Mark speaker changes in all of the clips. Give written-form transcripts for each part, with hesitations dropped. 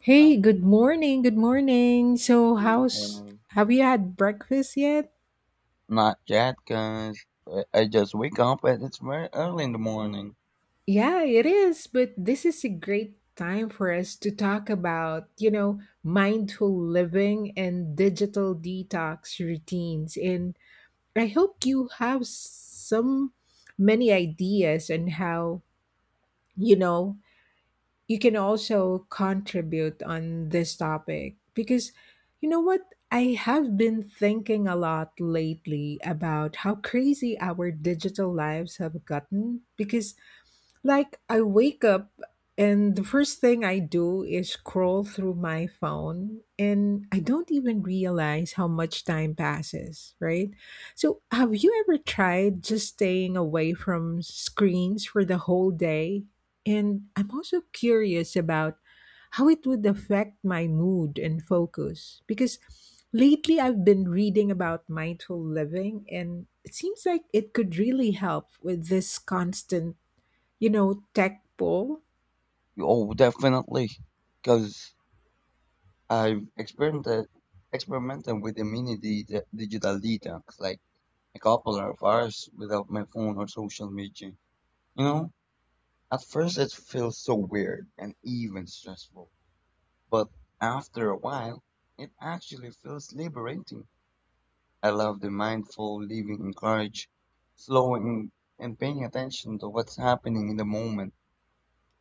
Speaker 1: Hey, good morning. Good morning. So, how's
Speaker 2: Um,
Speaker 1: have you had breakfast yet?
Speaker 2: Not yet, cause I just wake up and it's very early in the morning.
Speaker 1: Yeah, it is, but this is a great time for us to talk about, you know, mindful living and digital detox routines. And I hope you have some many ideas on how, you know, you can also contribute on this topic because you know what, I have been thinking a lot lately about how crazy our digital lives have gotten because like I wake up and the first thing I do is scroll through my phone and I don't even realize how much time passes, right? So, have you ever tried just staying away from screens for the whole day? And I'm also curious about how it would affect my mood and focus because lately I've been reading about mindful living and it seems like it could really help with this constant, you know, tech pull.
Speaker 2: Oh, definitely, cause I've experimented with immunity digital detox, like a couple of hours without my phone or social media. You know, at first it feels so weird and even stressful, but after a while, it actually feels liberating. I love the mindful living in courage, slowing and paying attention to what's happening in the moment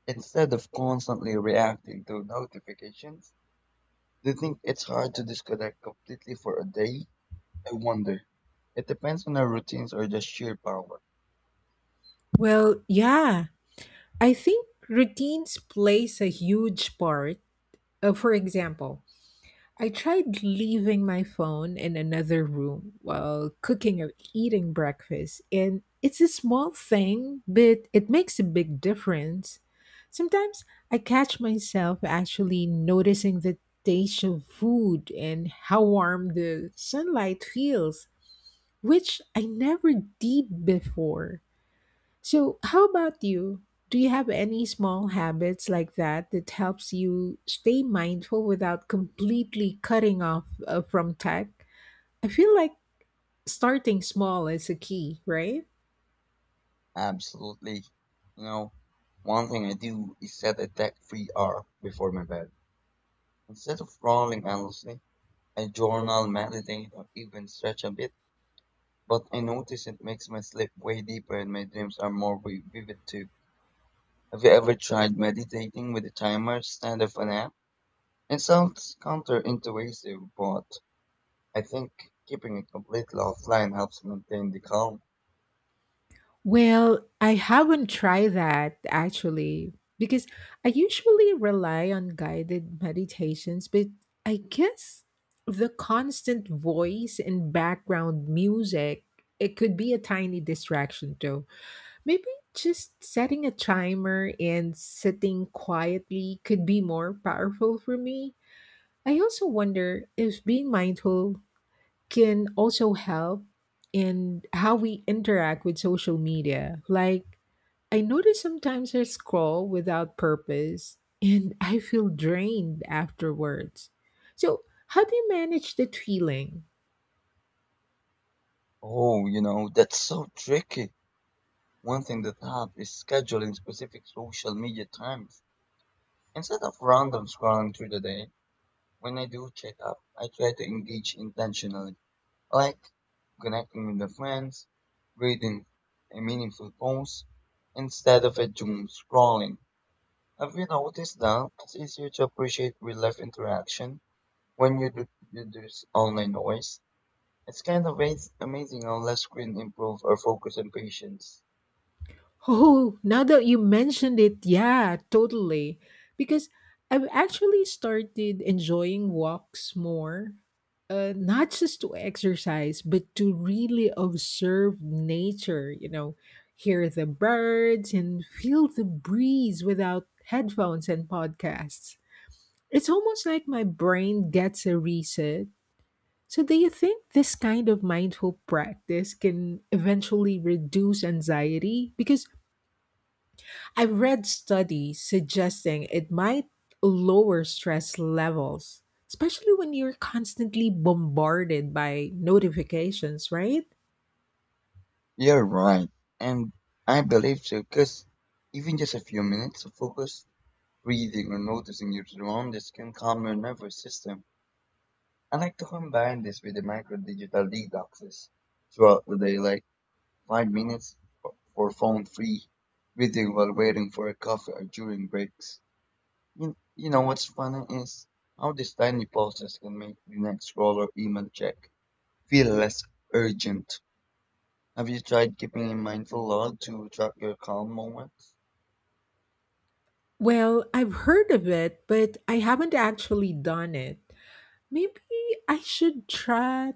Speaker 2: instead of constantly reacting to notifications. Do you think it's hard to disconnect completely for a day? I wonder. It depends on our routines or just sheer power.
Speaker 1: Well, yeah, I think routines plays a huge part. For example, I tried leaving my phone in another room while cooking or eating breakfast, and it's a small thing, but it makes a big difference. Sometimes I catch myself actually noticing the taste of food and how warm the sunlight feels, which I never did before. So, how about you? Do you have any small habits like that that helps you stay mindful without completely cutting off from tech? I feel like starting small is a key, right?
Speaker 2: Absolutely. You know, one thing I do is set a tech-free hour before my bed. Instead of scrolling endlessly, I journal, meditate, or even stretch a bit. But I notice it makes my sleep way deeper and my dreams are more vivid too. Have you ever tried meditating with a timer instead of an app? It sounds counterintuitive, but I think keeping it completely offline helps maintain the calm.
Speaker 1: Well, I haven't tried that actually because I usually rely on guided meditations, but I guess the constant voice and background music, it could be a tiny distraction though. Maybe just setting a timer and sitting quietly could be more powerful for me. I also wonder if being mindful can also help in how we interact with social media. Like, I notice sometimes I scroll without purpose and I feel drained afterwards. So, how do you manage that feeling?
Speaker 2: Oh, you know, that's so tricky. One thing that helps is scheduling specific social media times. Instead of random scrolling through the day, when I do check up, I try to engage intentionally, like connecting with the friends, reading a meaningful post, instead of a doom scrolling. Have you noticed that it's easier to appreciate real life interaction when you do you online noise? It's kind of amazing how less screen improve our focus and patience.
Speaker 1: Oh, now that you mentioned it, yeah, totally. Because I've actually started enjoying walks more, not just to exercise, but to really observe nature, you know, hear the birds and feel the breeze without headphones and podcasts. It's almost like my brain gets a reset. So, do you think this kind of mindful practice can eventually reduce anxiety? Because I've read studies suggesting it might lower stress levels, especially when you're constantly bombarded by notifications, right?
Speaker 2: You're right, and I believe so, because even just a few minutes of focus, breathing, or noticing your surroundings can calm your nervous system. I like to combine this with the micro digital detoxes throughout the day, like 5 minutes for phone free reading while waiting for a coffee or during breaks. You know what's funny is how these tiny pauses can make the next scroll or email check feel less urgent. Have you tried keeping a mindful log to track your calm moments?
Speaker 1: Well, I've heard of it, but I haven't actually done it. Maybe I should try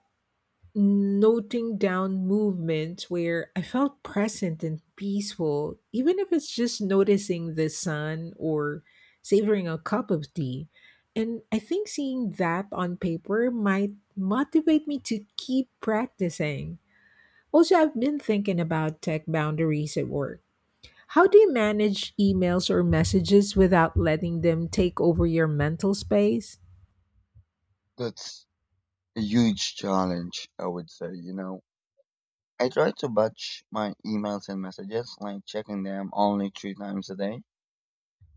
Speaker 1: noting down movements where I felt present and peaceful, even if it's just noticing the sun or savoring a cup of tea. And I think seeing that on paper might motivate me to keep practicing. Also, I've been thinking about tech boundaries at work. How do you manage emails or messages without letting them take over your mental space?
Speaker 2: That's a huge challenge, I would say, you know. I try to batch my emails and messages, like checking them only 3 times a day.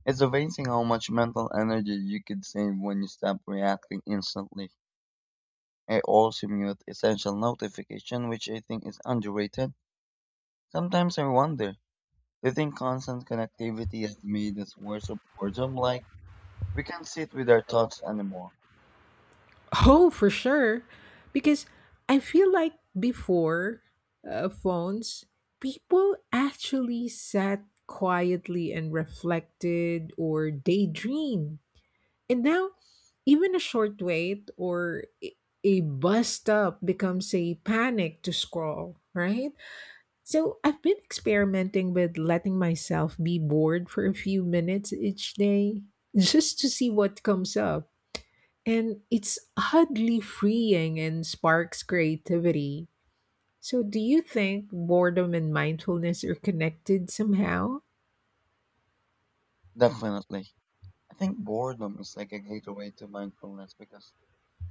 Speaker 2: It's amazing how much mental energy you could save when you stop reacting instantly. I also mute essential notification, which I think is underrated. Sometimes I wonder, do you think constant connectivity has made us worse of boredom? Like, we can't sit with our thoughts anymore.
Speaker 1: Oh, for sure. Because I feel like before phones, people actually sat quietly and reflected or daydreamed. And now, even a short wait or a bus stop becomes a panic to scroll, right? So I've been experimenting with letting myself be bored for a few minutes each day just to see what comes up and it's oddly freeing and sparks creativity. So, do you think boredom and mindfulness are connected somehow?
Speaker 2: Definitely. I think boredom is like a gateway to mindfulness because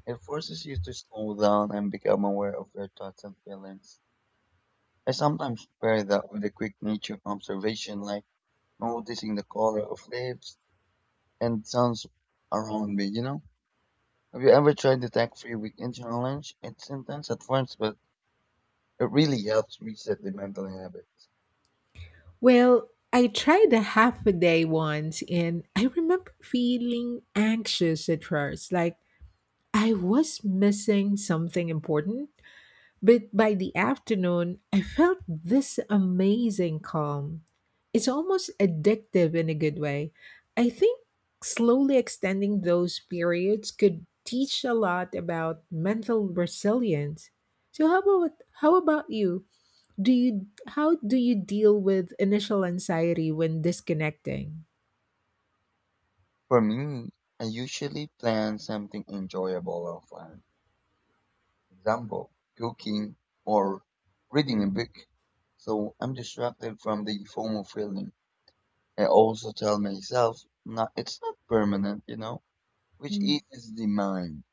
Speaker 2: it forces you to slow down and become aware of your thoughts and feelings. I sometimes pair that with a quick nature observation, like noticing the color of leaves and sounds around me, you know? Have you ever tried the tech free weekend challenge? It's intense at first, but it really helps reset the mental habits.
Speaker 1: Well, I tried a half a day once and I remember feeling anxious at first, like I was missing something important. But by the afternoon, I felt this amazing calm. It's almost addictive in a good way. I think slowly extending those periods could teach a lot about mental resilience. So how about you? Do you How do you deal with initial anxiety when disconnecting?
Speaker 2: For me, I usually plan something enjoyable or fun. Example, cooking or reading a book. So I'm distracted from the FOMO feeling. I also tell myself not it's not permanent, you know, which
Speaker 1: Mm.
Speaker 2: eases the mind.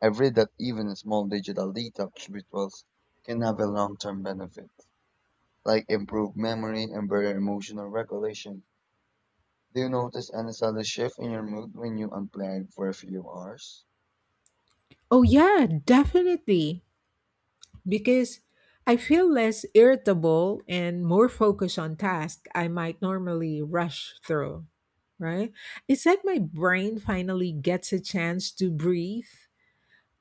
Speaker 2: I've read that even small digital detox rituals can have a long-term benefit, like improved memory and better emotional regulation. Do you notice any sudden shift in your mood when you unplug for a few hours?
Speaker 1: Oh yeah, definitely. Because I feel less irritable and more focused on tasks I might normally rush through, right? It's like my brain finally gets a chance to breathe.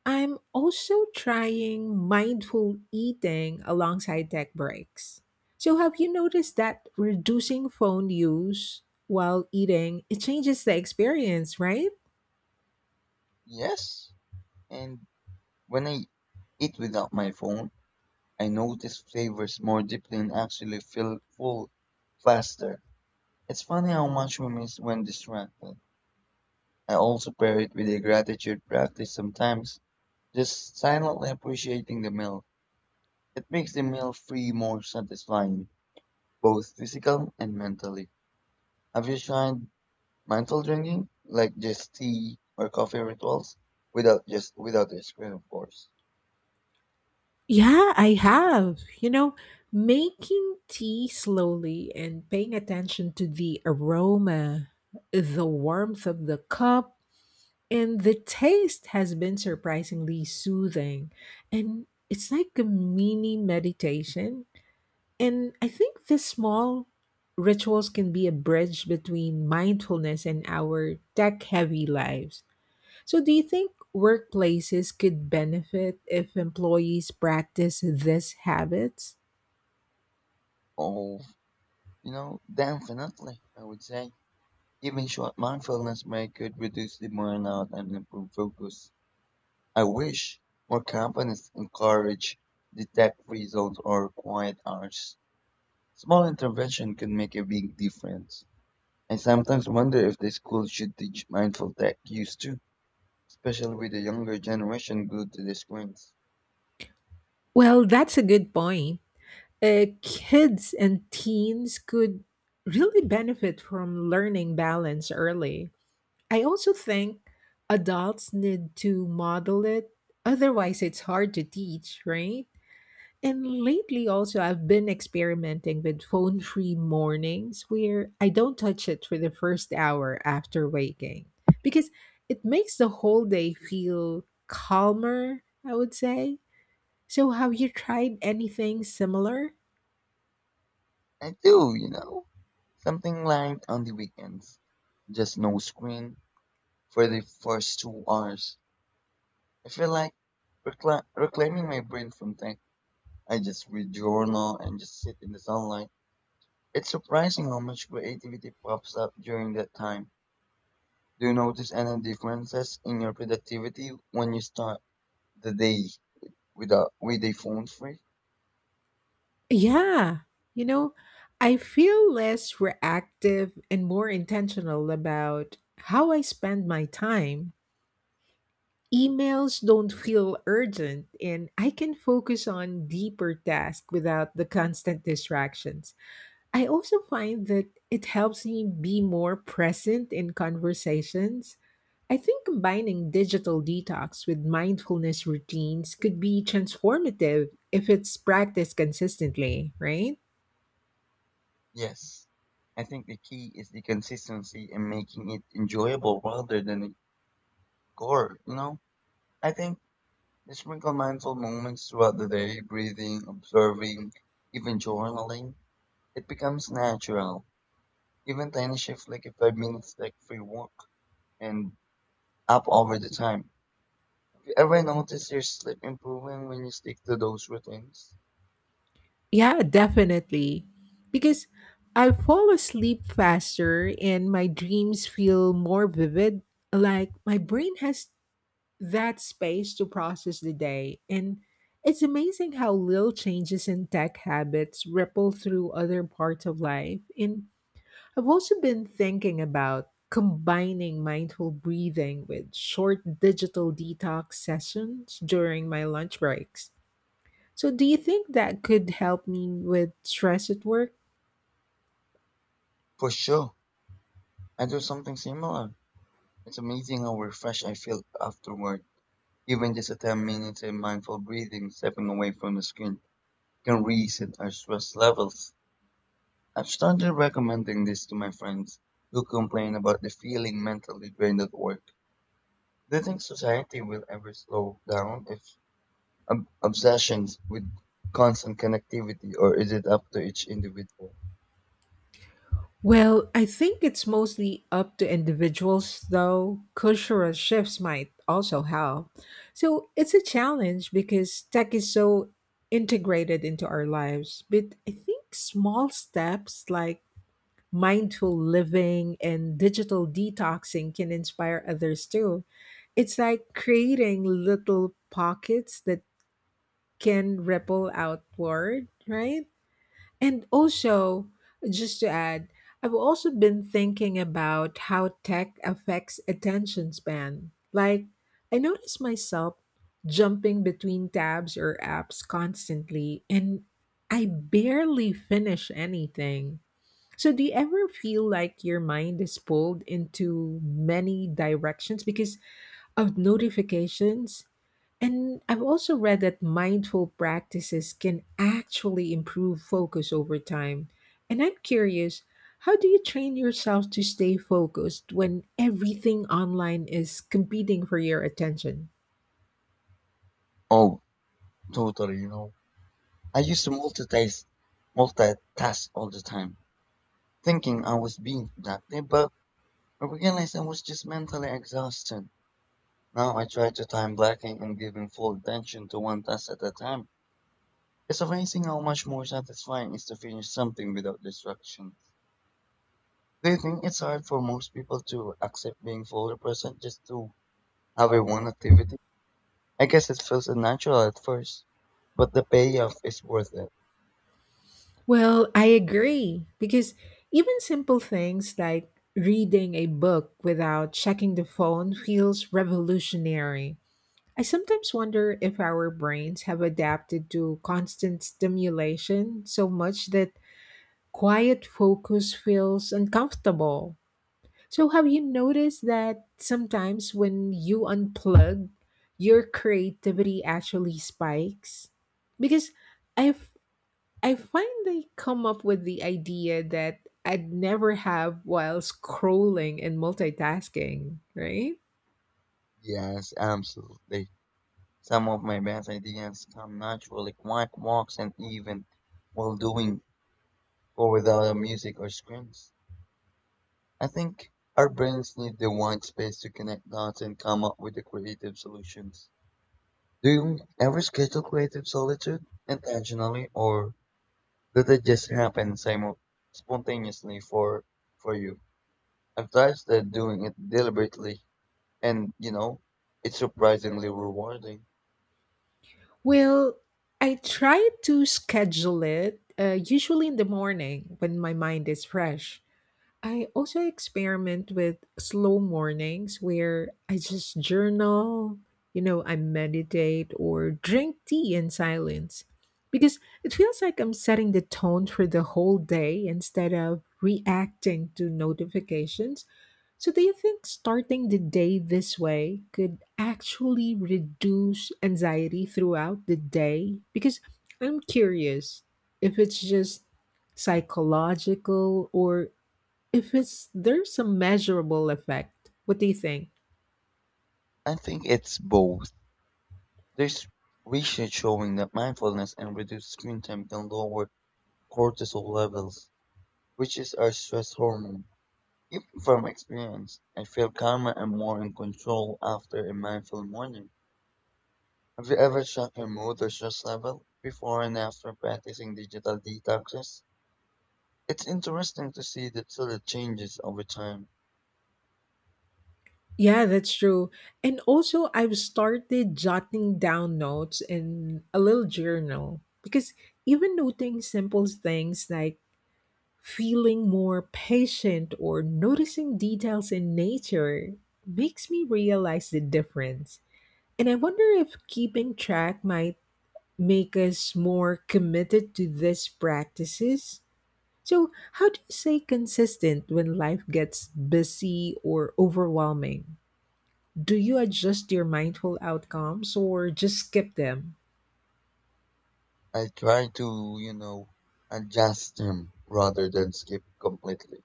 Speaker 1: I'm also trying mindful eating alongside tech breaks. So, have you noticed that reducing phone use while eating it changes the experience, right?
Speaker 2: Yes, and when I eat without my phone, I notice flavors more deeply and actually feel full faster. It's funny how much we miss when distracted. I also pair it with a gratitude practice sometimes, just silently appreciating the meal. It makes the meal free more satisfying, both physical and mentally. Have you tried mindful drinking, like just tea or coffee rituals, without just without the screen, of course?
Speaker 1: Yeah, I have. You know, making tea slowly and paying attention to the aroma, the warmth of the cup, and the taste has been surprisingly soothing. And it's like a mini meditation. And I think these small rituals can be a bridge between mindfulness and our tech heavy lives. So, do you think workplaces could benefit if employees practice these habits?
Speaker 2: Oh, you know, definitely. I would say even short mindfulness break could reduce the burnout and improve focus. I wish more companies encourage the tech free zones or quiet hours. Small intervention can make a big difference. I sometimes wonder if the schools should teach mindful tech use too, especially with the younger generation glued to the screens.
Speaker 1: Well, that's a good point. Kids and teens could really benefit from learning balance early. I also think adults need to model it, otherwise, it's hard to teach, right? And lately, also, I've been experimenting with phone free mornings where I don't touch it for the first hour after waking because it makes the whole day feel calmer, I would say. So, have you tried anything similar?
Speaker 2: I do, you know, something light on the weekends. Just no screen for the first 2 hours. I feel like reclaiming my brain from tech. I just read journal and just sit in the sunlight. It's surprising how much creativity pops up during that time. Do you notice any differences in your productivity when you start the day without with a phone free?
Speaker 1: Yeah. You know, I feel less reactive and more intentional about how I spend my time. Emails don't feel urgent, and I can focus on deeper tasks without the constant distractions. I also find that it helps me be more present in conversations. I think combining digital detox with mindfulness routines could be transformative if it's practiced consistently, right?
Speaker 2: Yes. I think the key is the consistency and making it enjoyable rather than a chore, you know? I think the sprinkle mindful moments throughout the day, breathing, observing, even journaling, it becomes natural. Even tiny shifts like a 5 minutes like free walk and up over the time. If you ever notice your sleep improving when you stick to those routines?
Speaker 1: Yeah, definitely. Because I fall asleep faster and my dreams feel more vivid. Like my brain has that space to process the day. And it's amazing how little changes in tech habits ripple through other parts of life. And I've also been thinking about combining mindful breathing with short digital detox sessions during my lunch breaks. So, do you think that could help me with stress at work?
Speaker 2: For sure. I do something similar. It's amazing how refreshed I feel afterward. Even just a 10 minutes of mindful breathing, stepping away from the screen, can reset our stress levels. I've started recommending this to my friends who complain about the feeling mentally drained at work. Do you think society will ever slow down if obsessions with constant connectivity, or is it up to each individual?
Speaker 1: Well, I think it's mostly up to individuals, though. Cultural shifts might also help. So, it's a challenge because tech is so integrated into our lives. But I think small steps like mindful living and digital detoxing can inspire others too. It's like creating little pockets that can ripple outward, right? And also, just to add, I've also been thinking about how tech affects attention span. Like, I notice myself jumping between tabs or apps constantly, and I barely finish anything. So, do you ever feel like your mind is pulled into many directions because of notifications? And I've also read that mindful practices can actually improve focus over time. And I'm curious, how do you train yourself to stay focused when everything online is competing for your attention?
Speaker 2: Oh, totally, you know. I used to multitask all the time, thinking I was being productive, but I realized I was just mentally exhausted. Now I try to time blocking and giving full attention to one task at a time. It's amazing how much more satisfying it is to finish something without distraction. Do you think it's hard for most people to accept being fully present just to have a one activity? I guess it feels unnatural at first, but the payoff is worth it.
Speaker 1: Well, I agree, because even simple things like reading a book without checking the phone feels revolutionary. I sometimes wonder if our brains have adapted to constant stimulation so much that quiet focus feels uncomfortable. So, have you noticed that sometimes when you unplug, your creativity actually spikes? Because I I find I come up with the idea that I'd never have while scrolling and multitasking, right?
Speaker 2: Yes, absolutely. Some of my best ideas come naturally, quiet walks and even while doing or without music or screens. I think our brains need the white space to connect dots and come up with the creative solutions. Do you ever schedule creative solitude intentionally, or did it just happen spontaneously for you? I've tried that doing it deliberately, and you know, it's surprisingly rewarding.
Speaker 1: Well, I try to schedule it usually in the morning when my mind is fresh. I also experiment with slow mornings where I just journal, you know, I meditate or drink tea in silence because it feels like I'm setting the tone for the whole day instead of reacting to notifications. So, do you think starting the day this way could actually reduce anxiety throughout the day? Because I'm curious if it's just psychological or if it's there's a measurable effect. What do you think?
Speaker 2: I think it's both. There's research showing that mindfulness and reduced screen time can lower cortisol levels, which is our stress hormone. Even from experience, I feel calmer and more in control after a mindful morning. Have you ever checked your mood or stress level before and after practicing digital detoxes? It's interesting to see that subtle changes over time.
Speaker 1: Yeah, that's true. And also, I've started jotting down notes in a little journal because even noting simple things like feeling more patient or noticing details in nature makes me realize the difference. And I wonder if keeping track might make us more committed to these practices. So, how do you stay consistent when life gets busy or overwhelming? Do you adjust your mindful outcomes or just skip them?
Speaker 2: I try to, you know, adjust them rather than skip completely.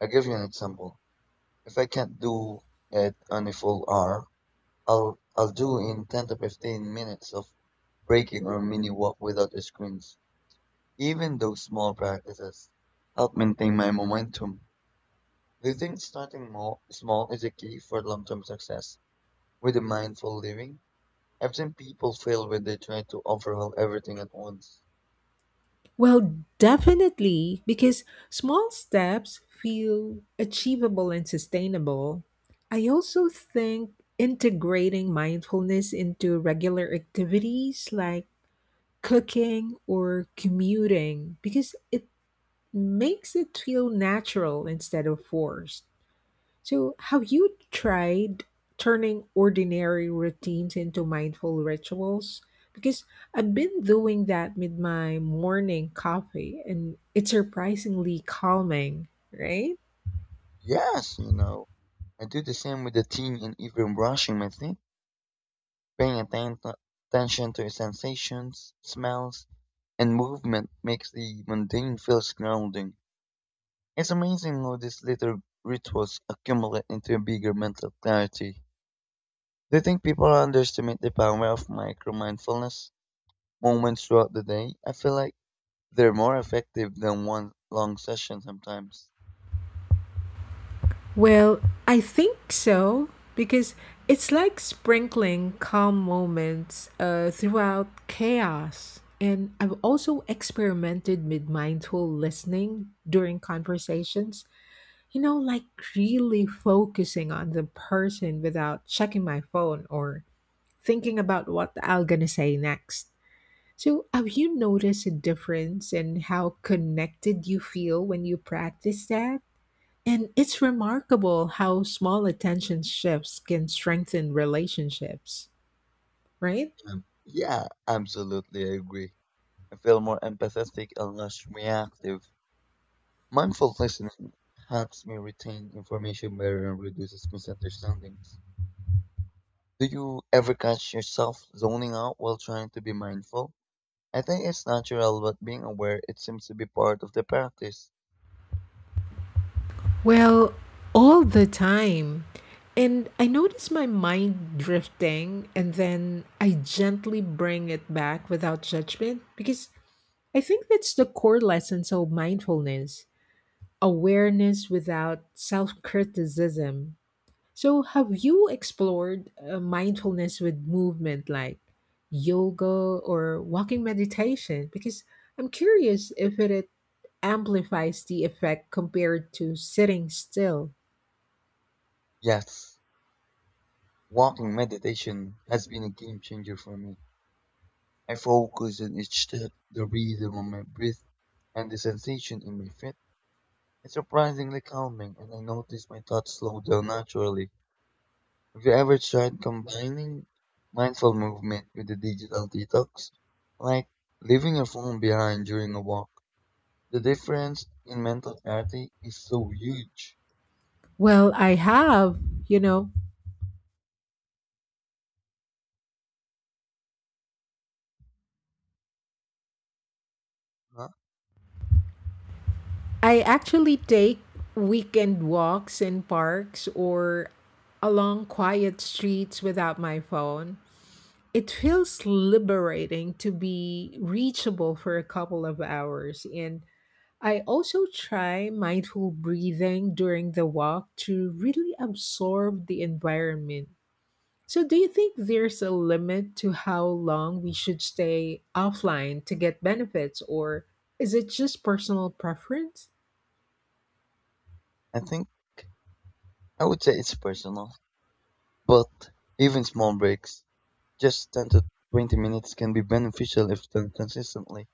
Speaker 2: I'll give you an example. If I can't do it on a full hour, I'll do in 10 to 15 minutes of breaking or mini walk without the screens. Even those small practices help maintain my momentum. Do you think starting more small is a key for long-term success with a mindful living? I've seen people fail when they try to overhaul everything at once.
Speaker 1: Well, definitely, because small steps feel achievable and sustainable. I also think integrating mindfulness into regular activities like cooking or commuting because it makes it feel natural instead of forced. So, have you tried turning ordinary routines into mindful rituals? Because I've been doing that with my morning coffee and it's surprisingly calming, right?
Speaker 2: Yes, you know. I do the same with the tea and even brushing my teeth, paying attention to sensations, smells, and movement makes the mundane feel grounding. It's amazing how these little rituals accumulate into a bigger mental clarity. Do you think people underestimate the power of micro mindfulness moments throughout the day? I feel like they're more effective than one long session sometimes.
Speaker 1: Well, I think so because it's like sprinkling calm moments throughout chaos. And I've also experimented with mindful listening during conversations, you know, like really focusing on the person without checking my phone or thinking about what I'm gonna say next. So, have you noticed a difference in how connected you feel when you practice that? And it's remarkable how small attention shifts can strengthen relationships, right?
Speaker 2: Yeah, absolutely, I agree. I feel more empathetic and less reactive. Mindful listening helps me retain information better and reduces misunderstandings. Do you ever catch yourself zoning out while trying to be mindful? I think it's natural, but being aware it seems to be part of the practice.
Speaker 1: Well, all the time. And I notice my mind drifting, and then I gently bring it back without judgment because I think that's the core lessons of mindfulness, awareness without self criticism. So, have you explored mindfulness with movement like yoga or walking meditation? Because I'm curious if it amplifies the effect compared to sitting still.
Speaker 2: Yes, walking meditation has been a game changer for me. I focus on each step, the rhythm of my breath, and the sensation in my feet. It's surprisingly calming, and I notice my thoughts slow down naturally. Have you ever tried combining mindful movement with a digital detox? Like leaving your phone behind during a walk. The difference in mental clarity is so huge.
Speaker 1: Well, I have, you know,
Speaker 2: Huh?
Speaker 1: I actually take weekend walks in parks or along quiet streets without my phone. It feels liberating to be reachable for a couple of hours. And I also try mindful breathing during the walk to really absorb the environment. So, do you think there's a limit to how long we should stay offline to get benefits, or is it just personal preference?
Speaker 2: I think I would say it's personal, but even small breaks just 10 to 20 minutes can be beneficial if done consistently.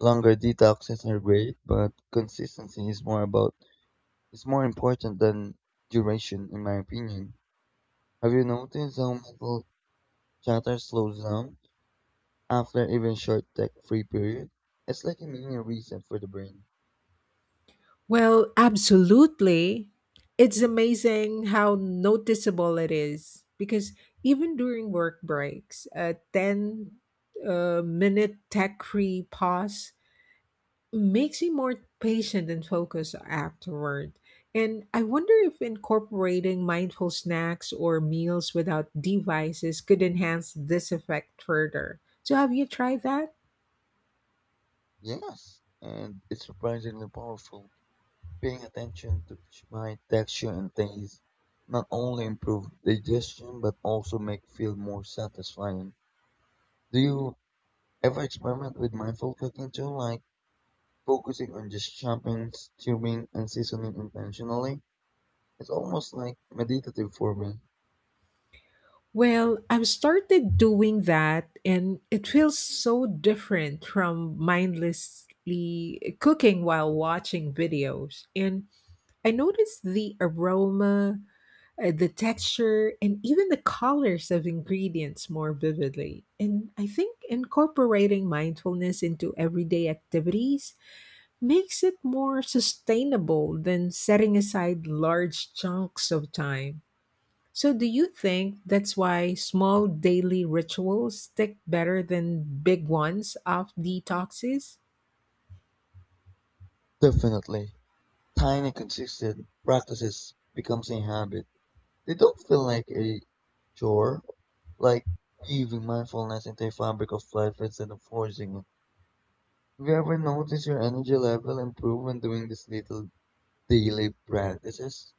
Speaker 2: Longer detoxes are great, but consistency is more about is more important than duration in my opinion. Have you noticed how mental chatter slows down after even short tech free period? It's like a mini reset for the brain.
Speaker 1: Well, absolutely. It's amazing how noticeable it is because even during work breaks, a 10 minute tech free pause makes me more patient and focused afterward. And I wonder if incorporating mindful snacks or meals without devices could enhance this effect further. So, have you tried that?
Speaker 2: Yes, and it's surprisingly powerful. Paying attention to my texture and taste not only improve digestion but also make feel more satisfying. Do you ever experiment with mindful cooking too, like focusing on just chopping, stewing, and seasoning intentionally? It's almost like meditative for me.
Speaker 1: Well, I've started doing that, and it feels so different from mindlessly cooking while watching videos. And I noticed the aroma, the texture and even the colors of ingredients more vividly. And I think incorporating mindfulness into everyday activities makes it more sustainable than setting aside large chunks of time. So, do you think that's why small daily rituals stick better than big ones of detoxes?
Speaker 2: Definitely. Tiny, consistent practices becomes a habit. They don't feel like a chore, like weaving mindfulness into a fabric of life instead of forcing it. Have you ever noticed your energy level improve when doing these little daily practices?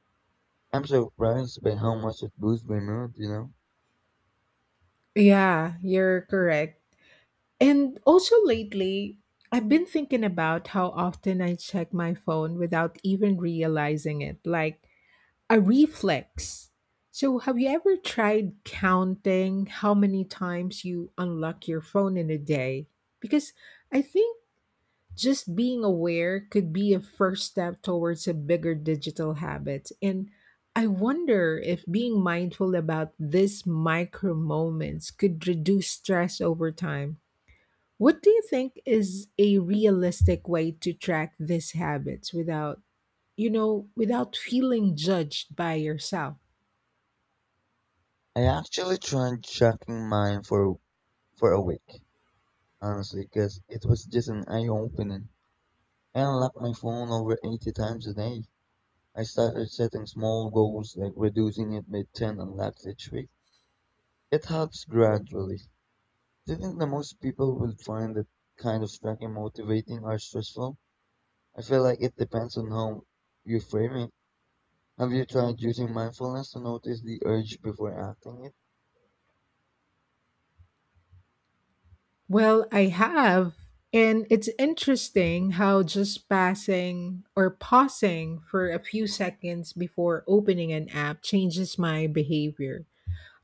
Speaker 2: I'm surprised by how much it boosts my mood, you know?
Speaker 1: Yeah, you're correct. And also lately, I've been thinking about how often I check my phone without even realizing it, like a reflex. So, have you ever tried counting how many times you unlock your phone in a day? Because I think just being aware could be a first step towards a bigger digital habit. And I wonder if being mindful about these micro moments could reduce stress over time. What do you think is a realistic way to track these habits without, you know, without feeling judged by yourself?
Speaker 2: I actually tried tracking mine for a week, honestly, because it was just an eye-opening. I unlocked my phone over 80 times a day. I started setting small goals, like reducing it by 10 unlocks each week. It helps gradually. Do you think that most people will find that kind of tracking motivating or stressful? I feel like it depends on how you frame it. Have you tried using mindfulness to notice the urge before acting it?
Speaker 1: Well, I have. And it's interesting how just passing or pausing for a few seconds before opening an app changes my behavior.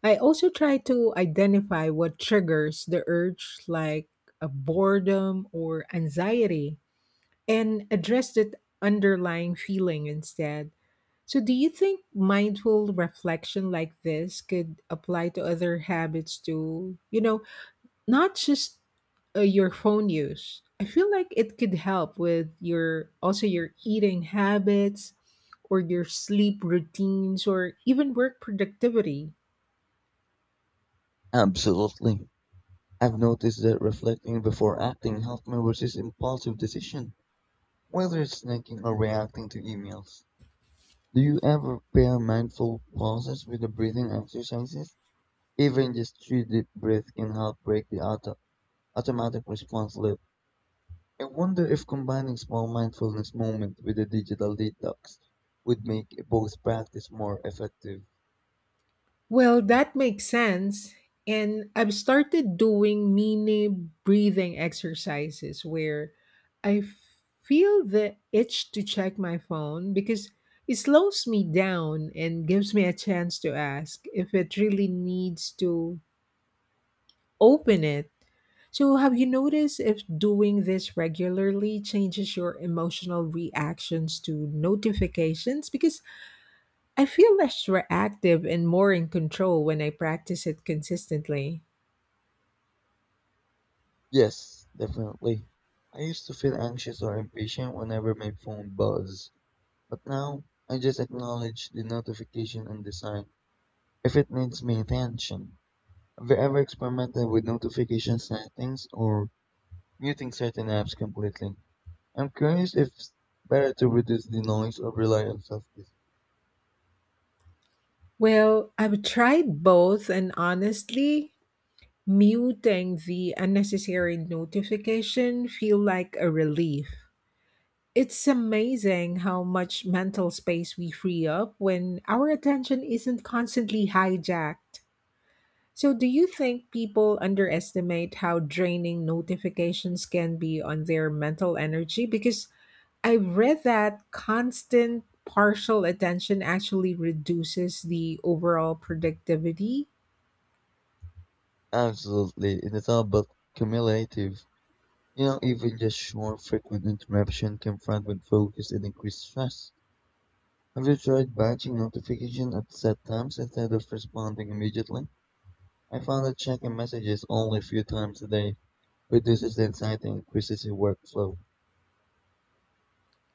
Speaker 1: I also try to identify what triggers the urge, like a boredom or anxiety, and address that underlying feeling instead. So, do you think mindful reflection like this could apply to other habits too? You know, not just your phone use. I feel like it could help with your also your eating habits or your sleep routines or even work productivity.
Speaker 2: Absolutely. I've noticed that reflecting before acting helped me resist impulsive decision, whether it's snacking or reacting to emails. Do you ever pair mindful pauses with the breathing exercises? Even just 3 deep breaths can help break the automatic response loop. I wonder if combining small mindfulness moments with a digital detox would make both practice more effective.
Speaker 1: Well, that makes sense. And I've started doing mini breathing exercises where I feel the itch to check my phone because it slows me down and gives me a chance to ask if it really needs to open it. So, have you noticed if doing this regularly changes your emotional reactions to notifications? Because I feel less reactive and more in control when I practice it consistently.
Speaker 2: Yes, definitely. I used to feel anxious or impatient whenever my phone buzzed. But now I just acknowledge the notification and decide if it needs my attention. Have you ever experimented with notification settings or muting certain apps completely? I'm curious if it's better to reduce the noise or rely on self discipline.
Speaker 1: Well, I've tried both, and honestly, muting the unnecessary notification feel like a relief. It's amazing how much mental space we free up when our attention isn't constantly hijacked. So, do you think people underestimate how draining notifications can be on their mental energy? Because I've read that constant partial attention actually reduces the overall productivity.
Speaker 2: Absolutely, it is all about cumulative. You know, even just more frequent interruption can fragment focus and increase stress. Have you tried batching notification at set times instead of responding immediately? I found that checking messages only a few times a day reduces the anxiety and increases your workflow.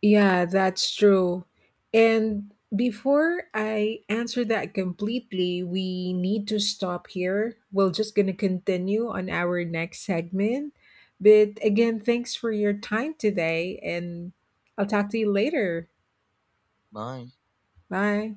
Speaker 1: Yeah, that's true. And before I answer that completely, we need to stop here. We're just going to continue on our next segment. But again, thanks for your time today, and I'll talk to you later.
Speaker 2: Bye.
Speaker 1: Bye.